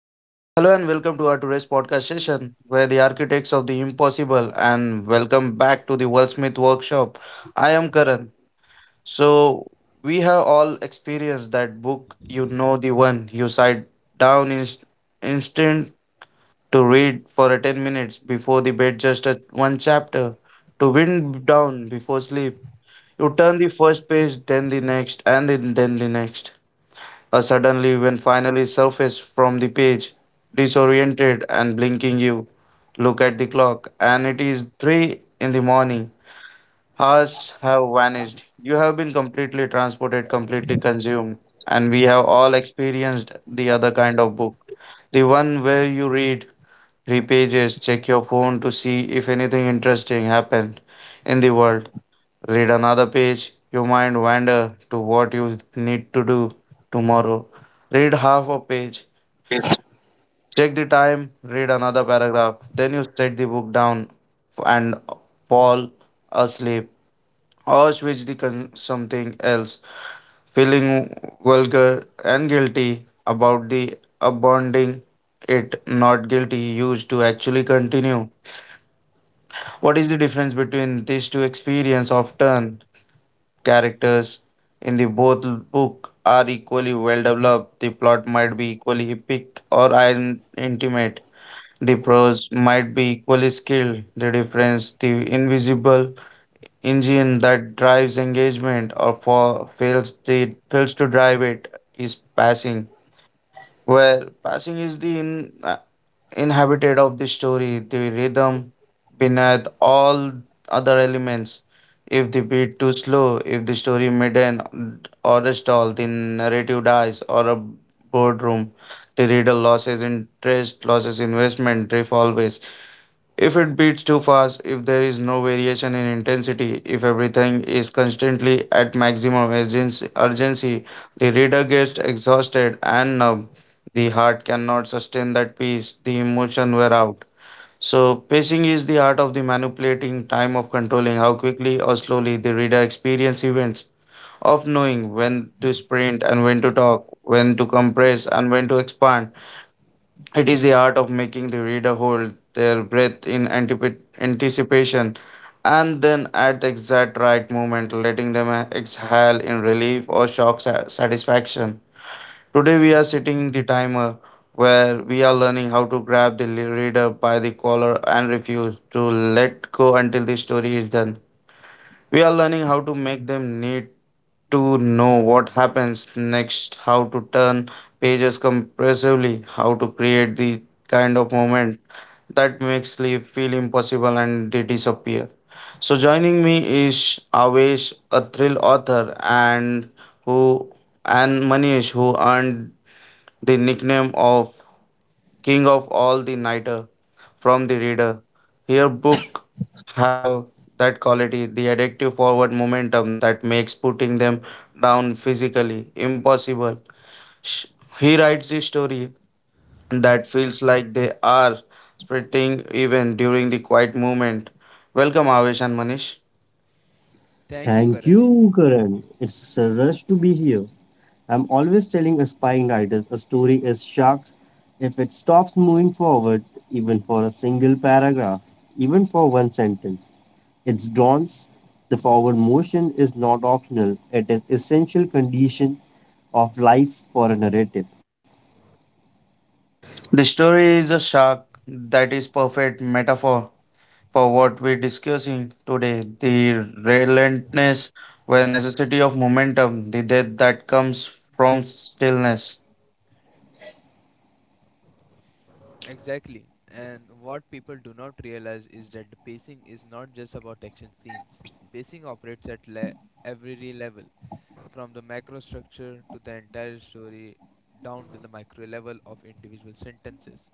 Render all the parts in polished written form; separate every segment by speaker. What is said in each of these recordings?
Speaker 1: So, hello and welcome to our today's podcast session where the architects of the impossible and welcome back to the Wordsmith workshop. I am Karan. So, we have all experienced that book, you know, the one you sat down inst- instant to read for a 10 minutes before the bed, just one chapter to wind down before sleep. You turn the first page, then the next, and then the next. Suddenly, when finally surfaced from the page, disoriented and blinking, you look at the clock, and it is three in the morning. Hours have vanished. You have been completely transported, completely consumed, and we have all experienced the other kind of book. The one where you read three pages, check your phone to see if anything interesting happened in the world, read another page, your mind wander to what you need to do tomorrow. Read half a page, check the time, read another paragraph, then you set the book down and fall asleep or switch the something else, feeling vulgar and guilty about the abounding it not guilty used to actually continue. What is the difference between these two experience? Often, characters in the both book are equally well developed. The plot might be equally epic or intimate. The prose might be equally skilled. The difference, the invisible engine that drives engagement or for fails to drive it is passing. Where passing is the inhabited of the story, the rhythm beneath all other elements. If the beat too slow, if the story midden or a stall, the narrative dies or a boardroom, the reader loses interest, loses investment, drift always. If it beats too fast, if there is no variation in intensity, if everything is constantly at maximum urgency, the reader gets exhausted and numb. The heart cannot sustain that pace, the emotion wear out. So, pacing is the art of the manipulating time of controlling how quickly or slowly the reader experience events, of knowing when to sprint and when to talk, when to compress and when to expand. It is the art of making the reader hold their breath in anticipation and then at the exact right moment letting them exhale in relief or shock satisfaction. Today we are setting the timer where we are learning how to grab the reader by the collar and refuse to let go until the story is done. We are learning how to make them need to know what happens next, how to turn pages compressively, how to create the kind of moment that makes sleep feel impossible and they disappear. So, joining me is Avesh, a thrill author, and who and Manish, who earned the nickname of King of All the Nighter from the reader. Here book have that quality, the addictive forward momentum that makes putting them down physically impossible. Sh- He writes the story that feels like they are sprinting even during the quiet moment. Welcome Avesh and Manish.
Speaker 2: Thank
Speaker 3: Thank you, Karan.
Speaker 2: you, Karan. It's a rush to be here. I'm always telling aspiring writers a story is sharks. If it stops moving forward, even for a single paragraph, even for one sentence, it's dawns. The forward motion is not optional. It is essential condition of life for a narrative.
Speaker 1: The story is a shark that is perfect metaphor for what we're discussing today the relentless where necessity of momentum, the death that comes from stillness.
Speaker 3: Exactly. And what people do not realize is that the pacing is not just about action scenes. Pacing operates at every level, from the macro structure to the entire story, down to the micro level of individual sentences.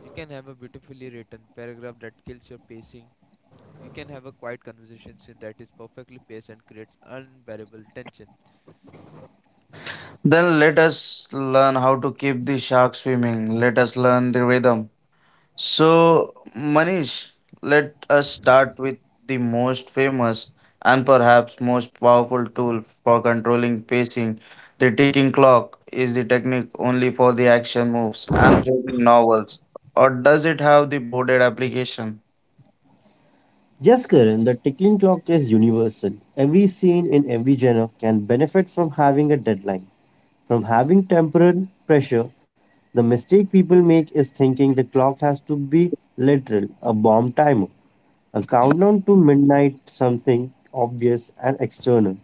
Speaker 3: You can have a beautifully written paragraph that kills your pacing. You can have a quiet conversation scene that is perfectly paced and creates unbearable tension.
Speaker 1: Then let us learn how to keep the shark swimming. Let us learn the rhythm. So, Manish, let us start with the most famous and perhaps most powerful tool for controlling pacing. The ticking clock is the technique only for the action moves and thrilling novels, or does it have the boarded application?
Speaker 2: Yes, Karan, the tickling clock is universal. Every scene in every genre can benefit from having a deadline, from having temporal pressure. The mistake people make is thinking the clock has to be literal, a bomb timer, a countdown to midnight, something obvious and external.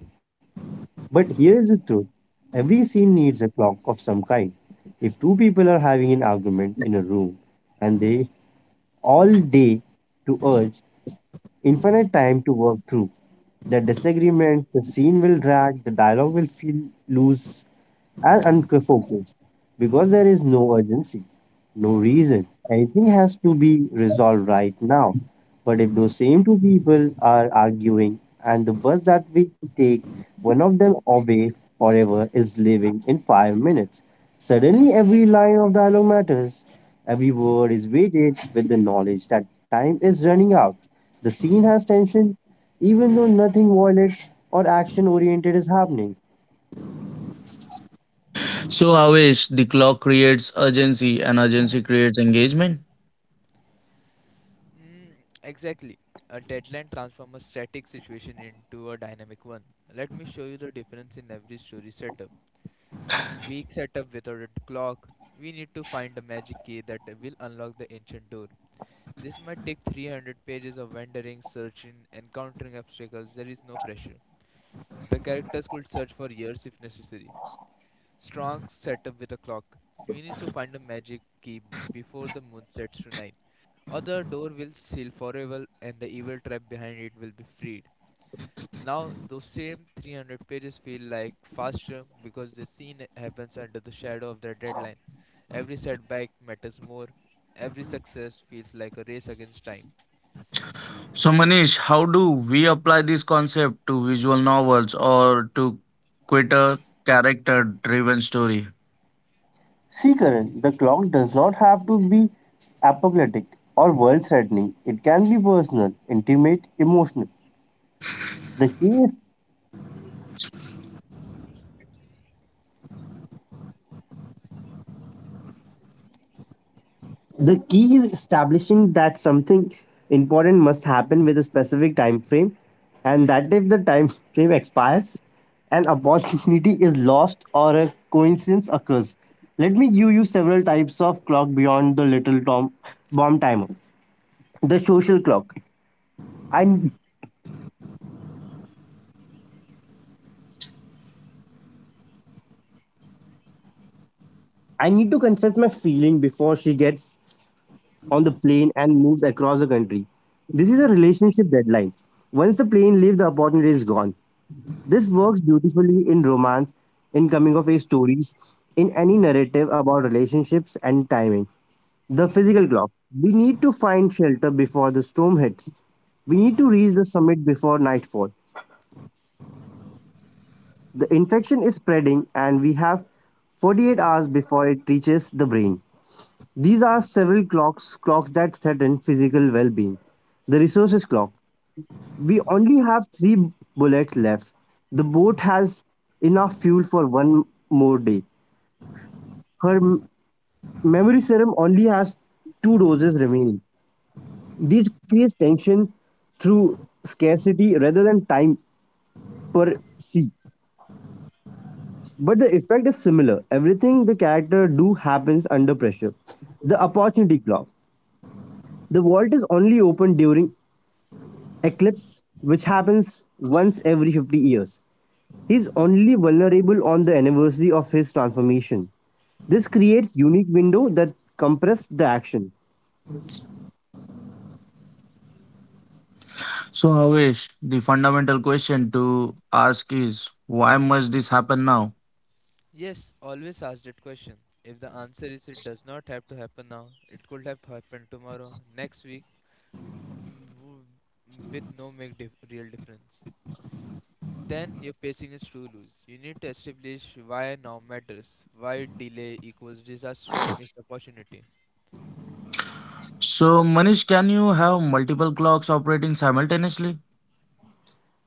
Speaker 2: But here's the truth every scene needs a clock of some kind. If two people are having an argument in a room and they all day to urge infinite time to work through. The disagreement, the scene will drag, the dialogue will feel loose, and unfocused because there is no urgency, no reason. Anything has to be resolved right now. But if those same two people are arguing and the bus that we take, one of them away forever is leaving in 5 minutes, suddenly every line of dialogue matters. Every word is weighted with the knowledge that time is running out. The scene has tension, even though nothing violent or action oriented is happening.
Speaker 1: So, Avesh, the clock creates urgency and urgency creates engagement.
Speaker 3: Mm, exactly. A deadline transforms a static situation into a dynamic one. Let me show you the difference in every story setup. Weak setup without a clock. We need to find a magic key that will unlock the ancient door. This might take 300 pages of wandering, searching, encountering obstacles. There is no pressure. The characters could search for years if necessary. Strong setup with a clock. We need to find a magic key before the moon sets tonight, or the door will seal forever and the evil trap behind it will be freed. Now, those same 300 pages feel like faster because the scene happens under the shadow of the deadline. Every setback matters more. Every success feels like a race against time.
Speaker 1: So, Manish, how do we apply this concept to visual novels or to quitter character driven story?
Speaker 2: See, Karan, the clock does not have to be apocalyptic or world threatening. It can be personal, intimate, emotional. The key is the key is establishing that something important must happen with a specific time frame and that if the time frame expires, an opportunity is lost or a coincidence occurs. Let me give you several types of clock beyond the little bomb timer. The social clock. I I need to confess my feeling before she gets on the plane and moves across the country. This is a relationship deadline. Once the plane leaves, the opportunity is gone. This works beautifully in romance, in coming of age stories, in any narrative about relationships and timing. The physical clock. We need to find shelter before the storm hits. We need to reach the summit before nightfall. The infection is spreading and we have 48 hours before it reaches the brain. These are several clocks that threaten physical well-being. The resources clock. We only have three bullets left. The boat has enough fuel for one more day. Her memory serum only has two doses remaining. This creates tension through scarcity rather than time per se. But the effect is similar. Everything the character do happens under pressure. The opportunity clock. The vault is only open during eclipse, which happens once every 50 years. He's only vulnerable on the anniversary of his transformation. This creates unique window that compress the action.
Speaker 1: So, Avesh, the fundamental question to ask is why must this happen now?
Speaker 3: Yes, always ask that question. If the answer is it does not have to happen now, it could have happened tomorrow, next week, with no real difference. Then your pacing is too loose. You need to establish why now matters, why delay equals disaster or missed opportunity.
Speaker 1: So, Manish, can you have multiple clocks operating simultaneously?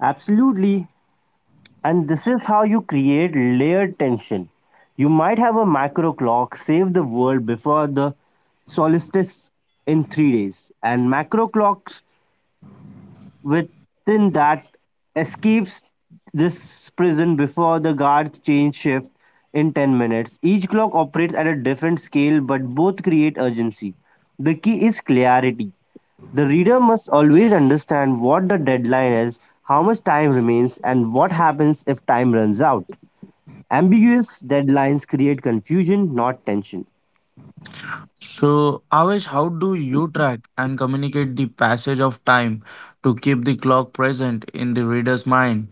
Speaker 2: Absolutely. And this is how you create layered tension. You might have a macro clock save the world before the solstice in 3 days, and macro clocks within that escapes this prison before the guards change shift in 10 minutes. Each clock operates at a different scale, but both create urgency. The key is clarity. The reader must always understand what the deadline is, how much time remains, and what happens if time runs out. Ambiguous deadlines create confusion, not tension.
Speaker 1: So, Avesh, how do you track and communicate the passage of time to keep the clock present in the reader's mind?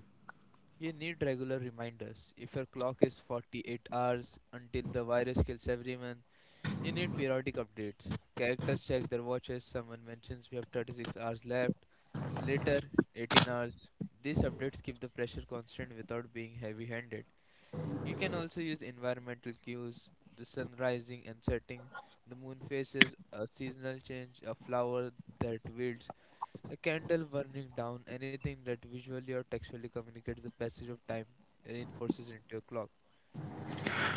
Speaker 3: You need regular reminders. If your clock is 48 hours until the virus kills everyone, you need periodic updates. Characters check their watches, someone mentions we have 36 hours left, later 18 hours. These updates keep the pressure constant without being heavy handed. You can also use environmental cues, the sun rising and setting, the moon phases, a seasonal change, a flower that wilts, a candle burning down, anything that visually or textually communicates the passage of time and reinforces into a clock.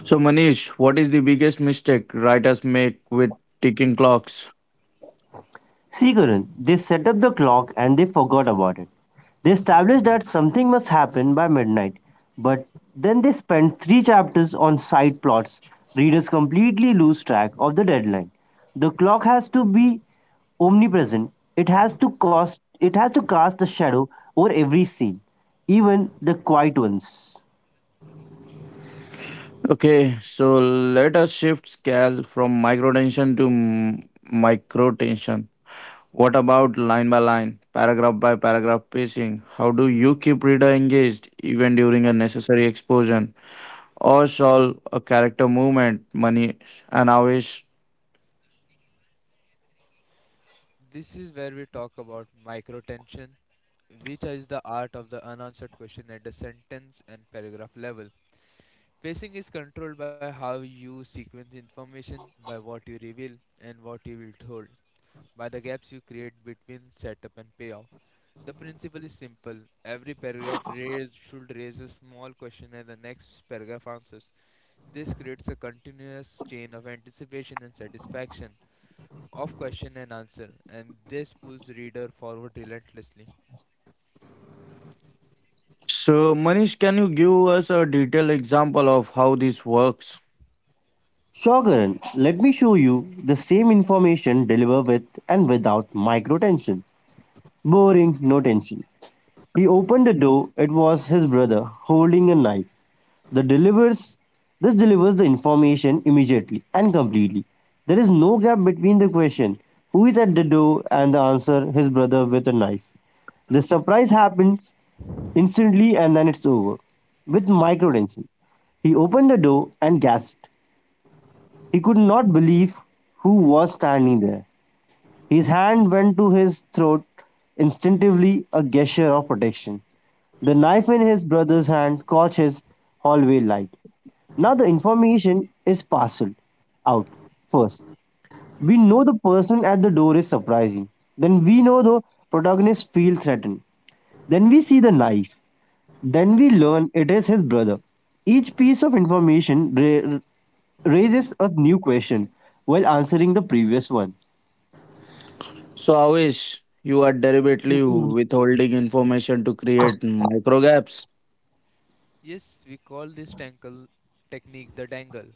Speaker 1: So, Manish, what is the biggest mistake writers make with ticking clocks?
Speaker 2: Sigaran, they set up the clock and they forgot about it. They established that something must happen by midnight, but then they spent three chapters on side plots. Readers completely lose track of the deadline. The clock has to be omnipresent. It has to cast a shadow over every scene, even the quiet ones.
Speaker 1: Okay, so let us shift scale from microtension to microtension. What about line by line, paragraph by paragraph pacing? How do you keep reader engaged even during a necessary explosion or solve a character movement, Manish and Avish?
Speaker 3: This is where we talk about microtension, which is the art of the unanswered question at the sentence and paragraph level. Pacing is controlled by how you sequence information, by what you reveal, and what you will hold, by the gaps you create between setup and payoff. The principle is simple. Every paragraph should raise a small question and the next paragraph answers. This creates a continuous chain of anticipation and satisfaction, of question and answer, and this pulls reader forward relentlessly.
Speaker 1: So Manish, can you give us a detailed example of how this works?
Speaker 2: Shogaran, let me show you the same information delivered with and without micro tension. Boring, no tension. He opened the door. It was his brother holding a knife. The delivers this delivers the information immediately and completely. There is no gap between the question who is at the door and the answer his brother with a knife. The surprise happens instantly and then it's over. With microtension. He opened the door and gasped. He could not believe who was standing there. His hand went to his throat, instinctively a gesture of protection. The knife in his brother's hand caught his hallway light. Now the information is parceled out first. We know the person at the door is surprising. Then we know the protagonist feels threatened. Then we see the knife. Then we learn it is his brother. Each piece of information raises a new question while answering the previous one.
Speaker 1: So Avish, you are deliberately withholding information to create micro gaps.
Speaker 3: Yes, we call this tangle technique the dangle.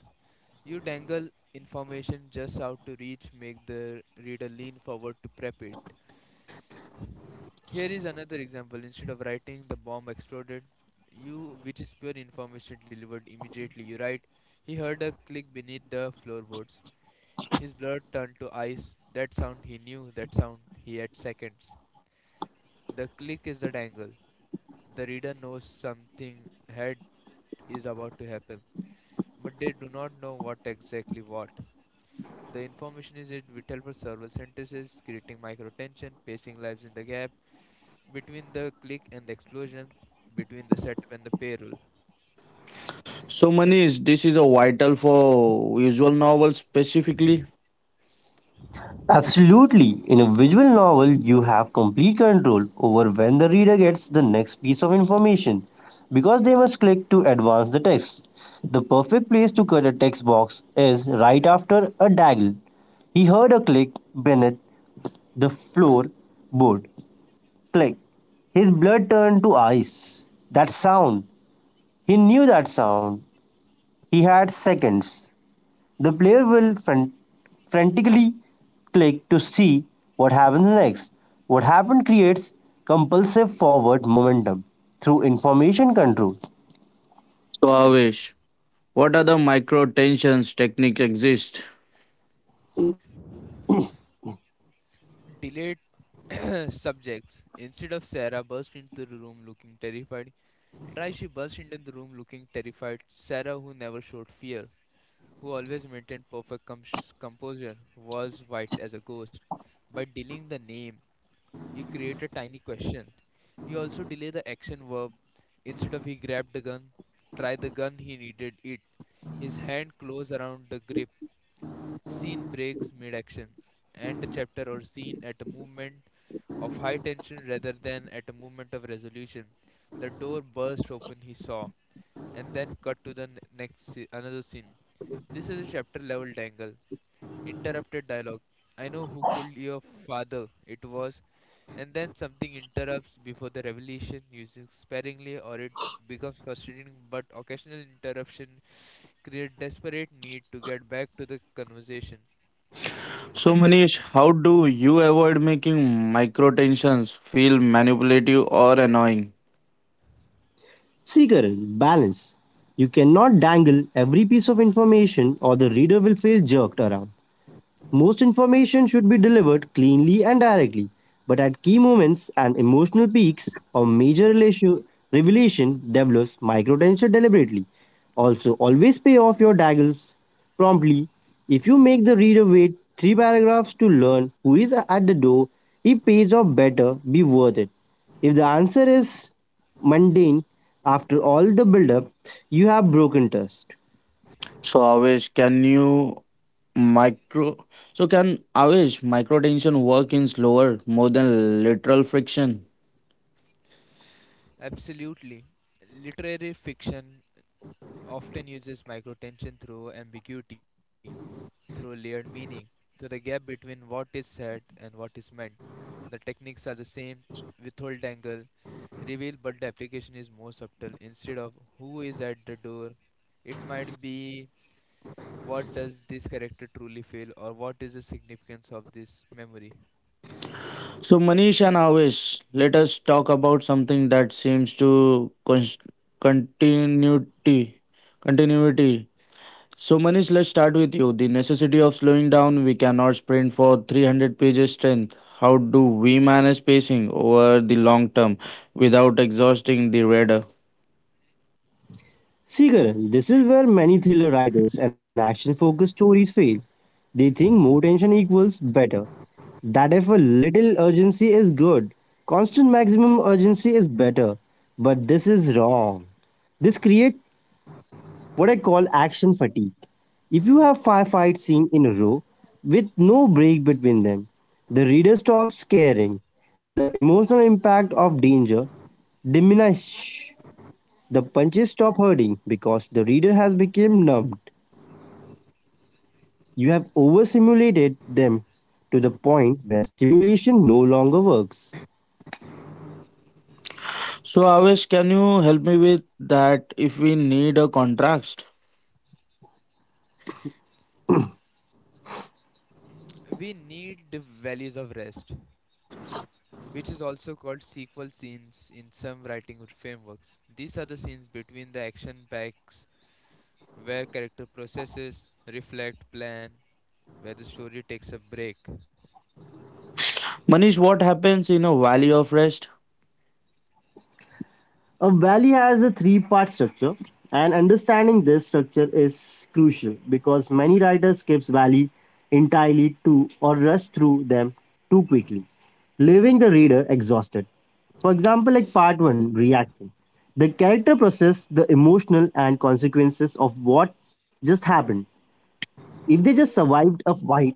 Speaker 3: You dangle information just out to reach, make the reader lean forward to prep it. Here is another example. Instead of writing the bomb exploded, you which is pure information delivered immediately. You write he heard a click beneath the floorboards. His blood turned to ice. That sound he knew, that sound he had seconds. The click is the dangle. The reader knows something had is about to happen, but they do not know what exactly what. The information is it vital for several sentences, creating micro tension, pacing lives in the gap, between the click and the explosion, between the setup and the payroll.
Speaker 1: So Manish, this is a vital for visual novels specifically.
Speaker 2: Absolutely. In a visual novel, you have complete control over when the reader gets the next piece of information because they must click to advance the text. The perfect place to cut a text box is right after a daggle. He heard a click beneath the floorboard. Click. His blood turned to ice. That sound. He knew that sound. He had seconds. The player will frantically click to see what happens next. What happened creates compulsive forward momentum through information control.
Speaker 1: So Avish, what are the micro tensions technique exist?
Speaker 3: Delayed subjects. Instead of Sarah burst into the room looking terrified, try she burst into the room looking terrified. Sarah, who never showed fear, who always maintained composure, was white as a ghost. By delaying the name, you create a tiny question. You also delay the action verb. Instead of he grabbed the gun, try the gun, he needed it. His hand closed around the grip. Scene breaks mid action. End a chapter or scene at a moment of high tension rather than at a moment of resolution. The door burst open, he saw, and then cut to the another scene. This is a chapter level dangle. Interrupted dialogue. I know who killed your father. It was, and then something interrupts before the revelation, using sparingly, or it becomes frustrating. But occasional interruption create desperate need to get back to the conversation.
Speaker 1: So, Manish, how do you avoid making micro tensions feel manipulative or annoying?
Speaker 2: See, Karan, balance. You cannot dangle every piece of information or the reader will feel jerked around. Most information should be delivered cleanly and directly, but at key moments and emotional peaks or major revelation develops microtension deliberately. Also, always pay off your daggers promptly. If you make the reader wait three paragraphs to learn who is at the door, he pays off better, be worth it. If the answer is mundane after all the build up, you have broken trust.
Speaker 1: So, Avesh, can you micro? So, can Avesh micro tension work in slower, more than literal friction?
Speaker 3: Absolutely. Literary fiction often uses microtension through ambiguity, through layered meaning, through the gap between what is said and what is meant. The techniques are the same withhold angle, reveal, but the application is more subtle. Instead of who is at the door, it might be what does this character truly feel or what is the significance of this memory.
Speaker 1: So, Manish and Avesh, let us talk about something that seems to continuity, continuity. So, Manish, let's start with you. The necessity of slowing down. We cannot sprint for 300 pages strength. How do we manage pacing over the long term without exhausting the reader?
Speaker 2: Seagull, this is where many thriller writers and action focused stories fail. They think more tension equals better. That if a little urgency is good, constant maximum urgency is better. But this is wrong. This creates what I call action fatigue. If you have five fight scene in a row with no break between them, the reader stops caring. The emotional impact of danger diminishes. The punches stop hurting because the reader has become numbed. You have overstimulated them to the point where stimulation no longer works.
Speaker 1: So, Avesh, can you help me with that if we need a contrast?
Speaker 3: We need the values of rest, which is also called sequel scenes in some writing frameworks. These are the scenes between the action packs where character processes, reflect, plan, where the story takes a break.
Speaker 1: Manish, what happens in a valley of rest?
Speaker 2: A valley has a three-part structure, and understanding this structure is crucial because many writers skip valley entirely to or rush through them too quickly, leaving the reader exhausted. For example, like part 1 reaction. The character processes the emotional and consequences of what just happened. If they just survived a fight,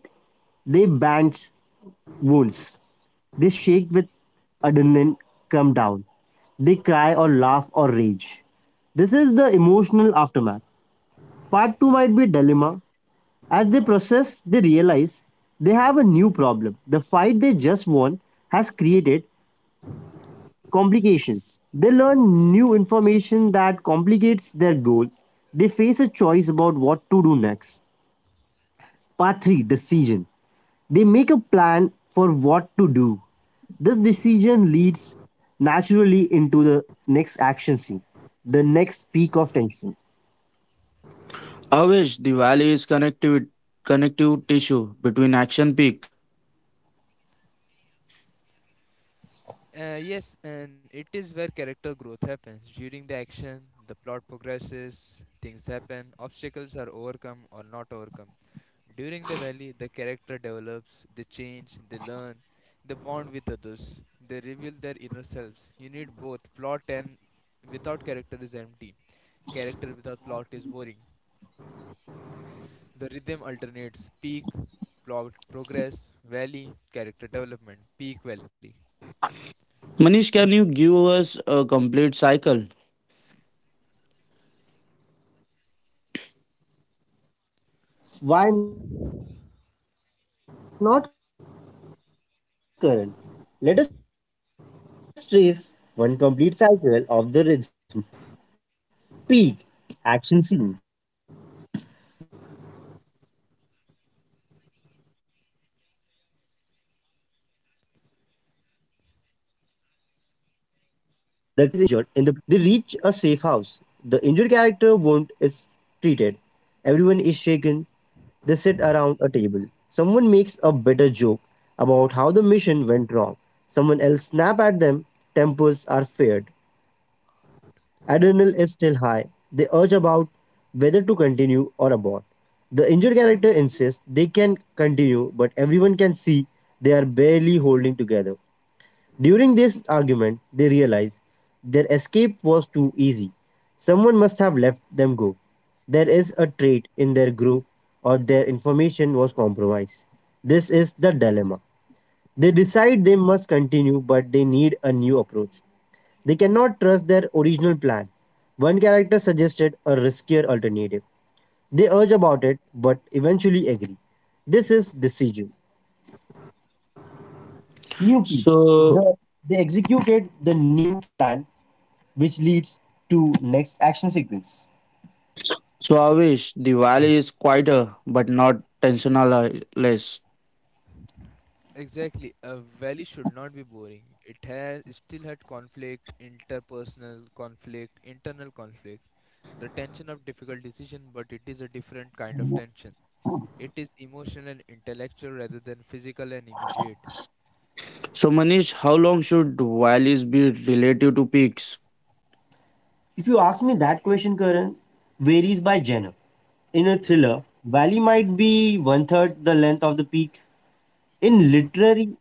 Speaker 2: they band's wounds. They shake with adrenaline come down. They cry or laugh or rage. This is the emotional aftermath. Part 2 might be dilemma. As they process, they realize they have a new problem. The fight they just won has created complications. They learn new information that complicates their goal. They face a choice about what to do next. Part 3 decision. They make a plan for what to do. This decision leads naturally into the next action scene, the next peak of tension.
Speaker 1: Avesh, the valley is connective, connective tissue between action peak.
Speaker 3: Yes, and it is where character growth happens. During the action, the plot progresses, things happen, obstacles are overcome or not overcome. During the valley, the character develops, they change, they learn, they bond with others, they reveal their inner selves. You need both plot and without character is empty. Character without plot is boring. The rhythm alternates peak, plot progress, valley, character development, peak valley.
Speaker 1: Manish, can you give us a complete cycle?
Speaker 2: Why not current? Let us trace one complete cycle of the rhythm. Peak action scene. The characters are infiltrating an enemy compound. They are discovered a chase ensues. They barely escape, but one character is injured in the process. The scene is high tension, fast paced short tension, constant movement. Valley, sequel section, sequel scene. They reach a safe house. The injured character wound is treated. Everyone is shaken. They sit around a table. Someone makes a bitter joke about how the mission went wrong. Someone else snap at them. Tempers are flared adrenaline is still high. They urge about whether to continue or abort. The injured character insists they can continue, but everyone can see they are barely holding together. During this argument, they realize their escape was too easy. Someone must have left them go. There is a trait in their group or their information was compromised. This is the dilemma. They decide they must continue, but they need a new approach. They cannot trust their original plan. One character suggested a riskier alternative. They urge about it but eventually agree. This is decision. New P.
Speaker 1: So,
Speaker 2: The, they executed the new plan which leads to next action sequence.
Speaker 1: So Avish, the valley is quieter but not tensionless.
Speaker 3: Exactly. A valley should not be boring. It still had conflict, interpersonal conflict, internal conflict, the tension of difficult decision, but it is a different kind of tension. It is emotional and intellectual rather than physical and immediate.
Speaker 1: So Manish, how long should valleys be relative to peaks?
Speaker 2: If you ask me that question, Karan, varies by genre. In a thriller, Valley might be one third the length of the peak. In literary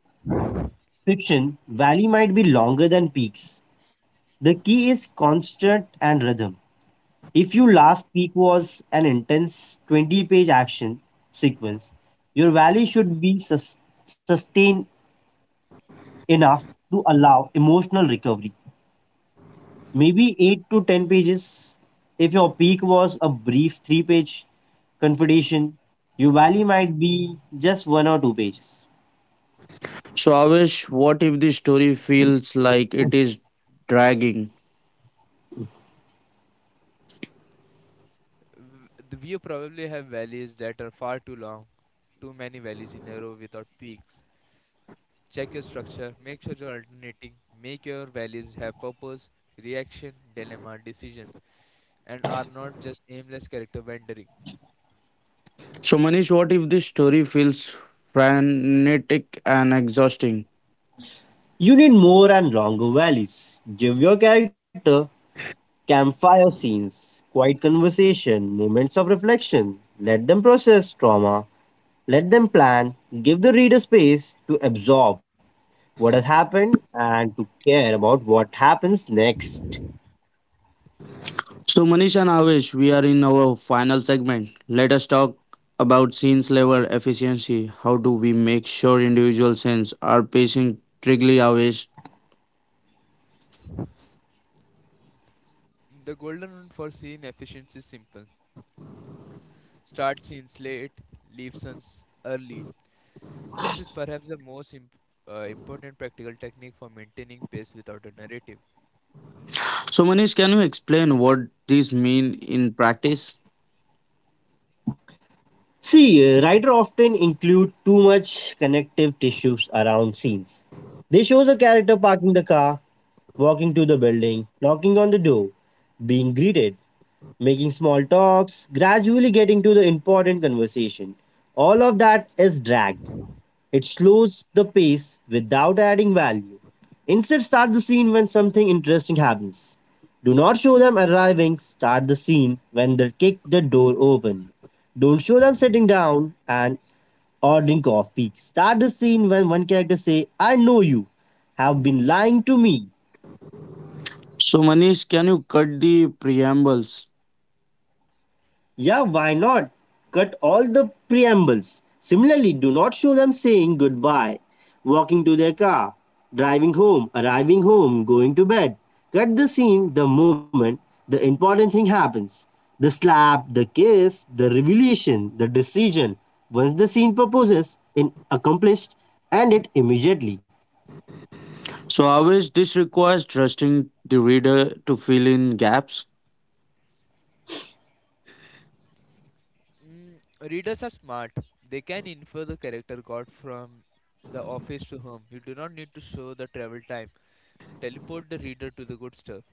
Speaker 2: fiction, Valley might be longer than peaks. The key is constant and rhythm. If your last peak was an intense 20-page action sequence, your valley should be sustained enough to allow emotional recovery. Maybe 8 to 10 pages. If your peak was a brief 3-page confrontation, your valley might be just 1 or 2 pages.
Speaker 1: So Avish, what if the story feels like it is dragging?
Speaker 3: We probably have valleys that are far too long, too many valleys in a row without peaks. Check your structure, make sure you're alternating, make your valleys have purpose, reaction, dilemma, decision, and are not just aimless character wandering.
Speaker 1: So Manish, what if the story feels frantic and exhausting?
Speaker 2: You need more and longer valleys. Give your character campfire scenes, quiet conversation, moments of reflection. Let them process trauma. Let them plan, give the reader space to absorb what has happened and to care about what happens next.
Speaker 1: So Manish and Avish, we are in our final segment. Let us talk about scenes level efficiency. How do we make sure individual scenes are pacing trigly Avish?
Speaker 3: The golden rule for scene efficiency is simple: start scenes late, leave scenes early. This is perhaps the most important practical technique for maintaining pace without a narrative.
Speaker 1: So, Manish, can you explain what these mean in practice?
Speaker 2: See, writer often include too much connective tissues around scenes. They show the character parking the car, walking to the building, knocking on the door, being greeted, making small talks, gradually getting to the important conversation. All of that is dragged. It slows the pace without adding value. Instead, start the scene when something interesting happens. Do not show them arriving, start the scene when they kick the door open. Don't show them sitting down and ordering coffee. Start the scene when one character say, I know you have been lying to me.
Speaker 1: So, Manish, can you cut the preambles?
Speaker 2: Yeah, why not? Cut all the preambles. Similarly, do not show them saying goodbye, walking to their car, driving home, arriving home, going to bed. Cut the scene the moment the important thing happens. The slap, the kiss, the revelation, the decision. Once the scene proposes, in accomplished, end it immediately.
Speaker 1: So, always this requires trusting the reader to fill in gaps.
Speaker 3: Readers are smart, they can infer the character got from the office to home. You do not need to show the travel time, teleport the reader to the good stuff.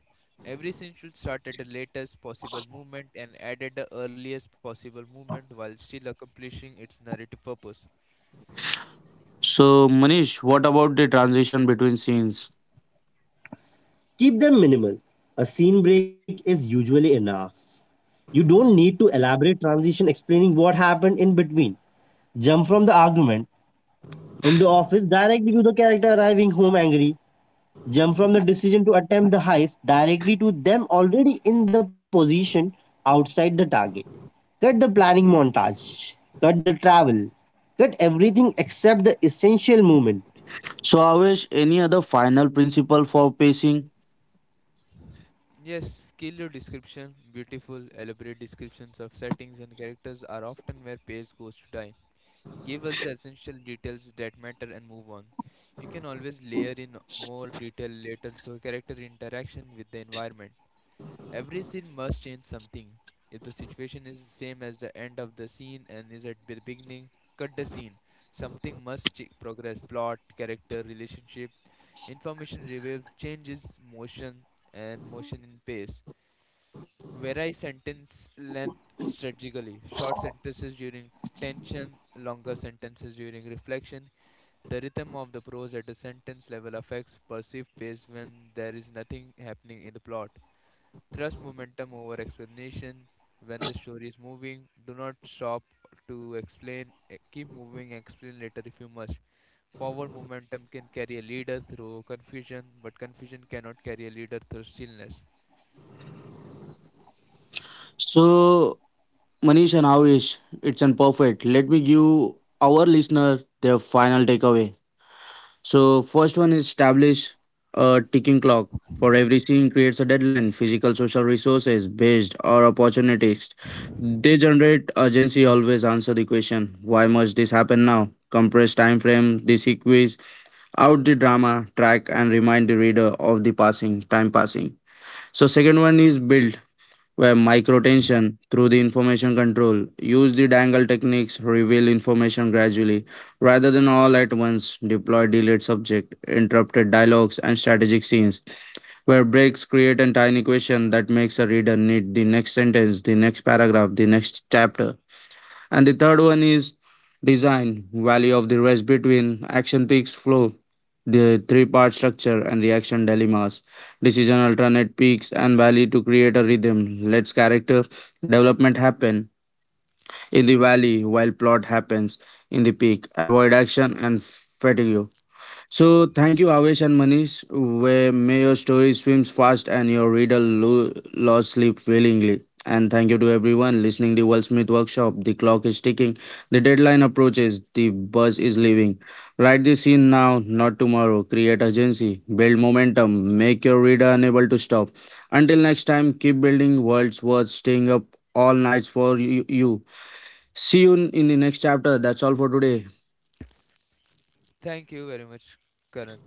Speaker 3: Every scene should start at the latest possible moment and end at the earliest possible moment while still accomplishing its narrative purpose.
Speaker 1: So, Manish, what about the transition between scenes?
Speaker 2: Keep them minimal. A scene break is usually enough. You don't need to elaborate transition explaining what happened in between. Jump from the argument in the office directly to the character arriving home angry. Jump from the decision to attempt the heist directly to them already in the position outside the target. Cut the planning montage. Cut the travel. Cut everything except the essential movement.
Speaker 1: So, Avesh, any other final principle for pacing?
Speaker 3: Yes, skill your description. Beautiful, elaborate descriptions of settings and characters are often where pace goes to die. Give us the essential details that matter and move on. You can always layer in more detail later through character interaction with the environment. Every scene must change something. If the situation is the same as the end of the scene and is at the beginning, cut the scene. Something must progress plot, character, relationship, information revealed, changes motion and motion in pace. Vary sentence length strategically. Short sentences during tension, longer sentences during reflection. The rhythm of the prose at the sentence level affects perceived pace when there is nothing happening in the plot. Trust momentum over explanation. When the story is moving, do not stop to explain. Keep moving, explain later if you must. Forward momentum can carry a leader through confusion, but confusion cannot carry a leader through stillness.
Speaker 1: So, Manish and Avesh, it's an perfect. Let me give our listener their final takeaway. So first one is establish a ticking clock for every scene creates a deadline. Physical social resources based or opportunities. They generate urgency always answer the question why must this happen now? Compress time frame, desequence out the drama, track and remind the reader of the passing time passing. So second one is build where microtension through the information control use the dangle techniques reveal information gradually rather than all at once deploy delayed subject interrupted dialogues and strategic scenes where breaks create a tiny question that makes a reader need the next sentence the next paragraph the next chapter and the third one is design, value of the rest between action peaks flow, the three-part structure and reaction dilemmas, decision alternate peaks and valley to create a rhythm. Let's character development happen in the valley while plot happens in the peak. Avoid action and fatigue. So thank you, Avesh and Manish. Where may your story swims fast and your reader lost sleep willingly. And thank you to everyone listening the Wordsmith Workshop. The clock is ticking. The deadline approaches. The buzz is leaving. Write the scene now, not tomorrow. Create urgency. Build momentum. Make your reader unable to stop. Until next time, keep building worlds worth staying up all nights for you. See you in the next chapter. That's all for today.
Speaker 3: Thank you very much, Karan.